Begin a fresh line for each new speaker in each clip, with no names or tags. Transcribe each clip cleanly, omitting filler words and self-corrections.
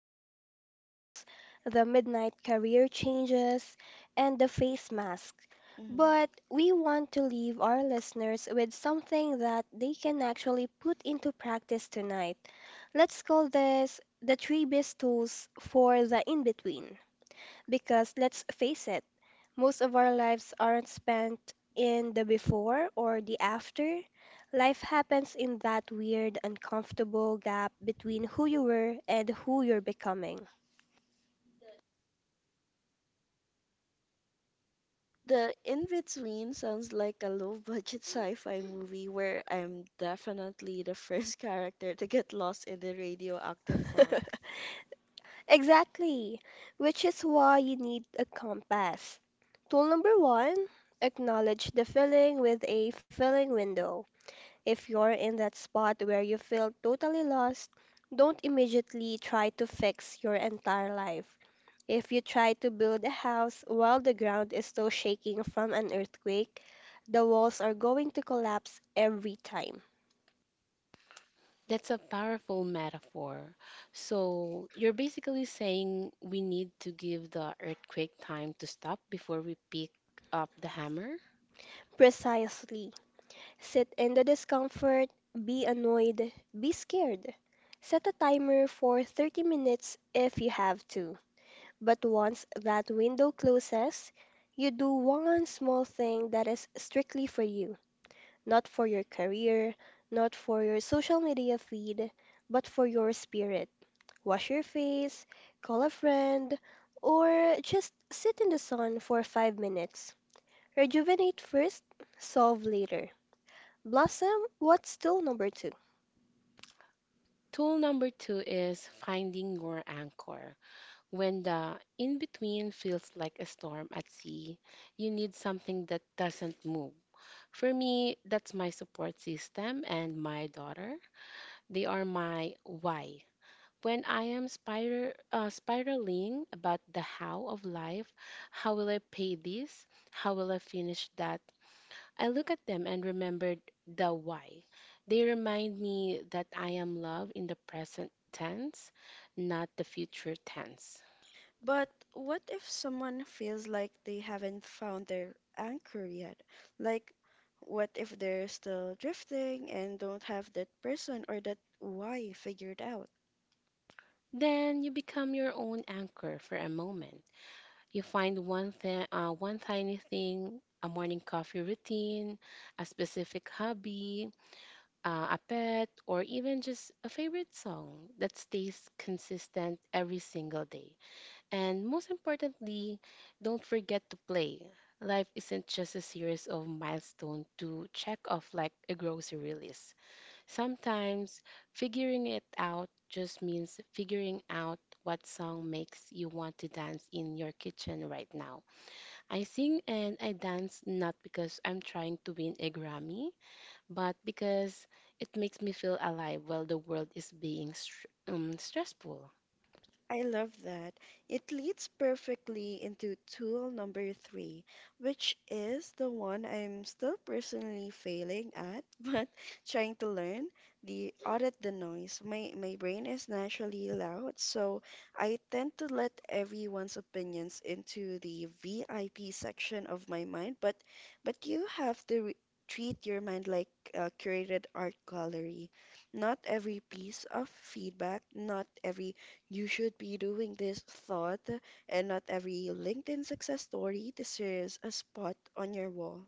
the spirals, the midnight career changes, and the face mask.
Mhm.
But we want to leave our listeners with something that they can actually put into practice tonight. Let's call this the three best tools for the in between. Because let's face it, most of our lives aren't spent in the before or the after. Life happens in that weird, uncomfortable gap between who you were and who you're becoming.
The In Between sounds like a low-budget sci-fi movie where I'm definitely the first character to get lost in the radioactive fog.
Exactly, which is why you need a compass. Tool number one, acknowledge the feeling with a filling window. If you're in that spot where you feel totally lost, don't immediately try to fix your entire life. If you try to build a house while the ground is still shaking from an earthquake, the walls are going to collapse every time.
That's a powerful metaphor. So you're basically saying we need to give the earthquake time to stop before we pick up the hammer?
Precisely. Sit in the discomfort, be annoyed, be scared. Set a timer for 30 minutes if you have to. But once that window closes, you do one small thing that is strictly for you, not for your career, not for your social media feed, but for your spirit. Wash your face, call a friend, or just sit in the sun for 5 minutes. Rejuvenate first, solve later. Blossom, what's still number 2?
Tool number two is finding your anchor. When the in between feels like a storm at sea, you need something that doesn't move. For me, that's my support system and my daughter. They are my why. When I am spiraling about the how of life, how will I pay this? How will I finish that? I look at them and remember the why. They remind me that I am love in the present tense, not the future tense.
But what if someone feels like they haven't found their anchor yet? Like, what if they're still drifting and don't have that person or that why figured out?
Then you become your own anchor for a moment. You find one tiny thing, a morning coffee routine, a specific hobby, a pet, or even just a favorite song that stays consistent every single day. And most importantly, don't forget to play. Life isn't just a series of milestones to check off like a grocery list. Sometimes figuring it out just means figuring out what song makes you want to dance in your kitchen right now. I sing and I dance not because I'm trying to win a Grammy, but because it makes me feel alive while the world is being stressful.
I love that. It leads perfectly into tool number three, which is the one I'm still personally failing at, but trying to learn the audit the noise. My brain is naturally loud, so I tend to let everyone's opinions into the VIP section of my mind, but you have to treat your mind like a curated art gallery. Not every piece of feedback, not every you should be doing this thought, and not every LinkedIn success story deserves a spot on your wall.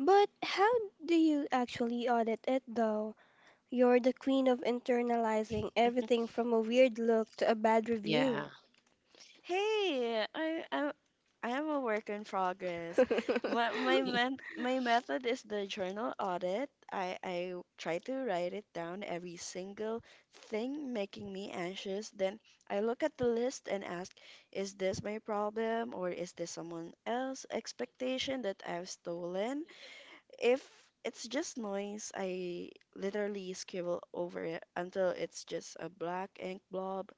But how do you actually audit it though? You're the queen of internalizing everything from a weird look to a bad
Yeah.
review.
Hey, I'm I'm a work in progress. My method is the journal audit. I try to write it down every single thing making me anxious. Then I look at the list and ask, is this my problem or is this someone else's expectation that I've stolen? If it's just noise, I literally scribble over it until it's just a black ink blob.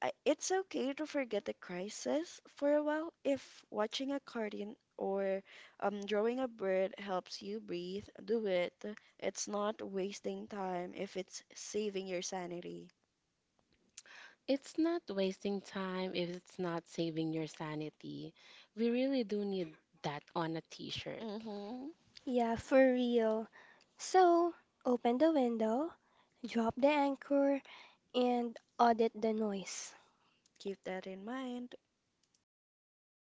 It's okay to forget the crisis for a while. If watching a cartoon or drawing a bird helps you breathe, do it. It's not wasting time if it's saving your sanity.
It's not wasting time if it's not saving your sanity. We really do need that on a t shirt.
Mm-hmm.
Yeah, for real. So, open the window, drop the anchor, and audit the noise.
Keep that in mind.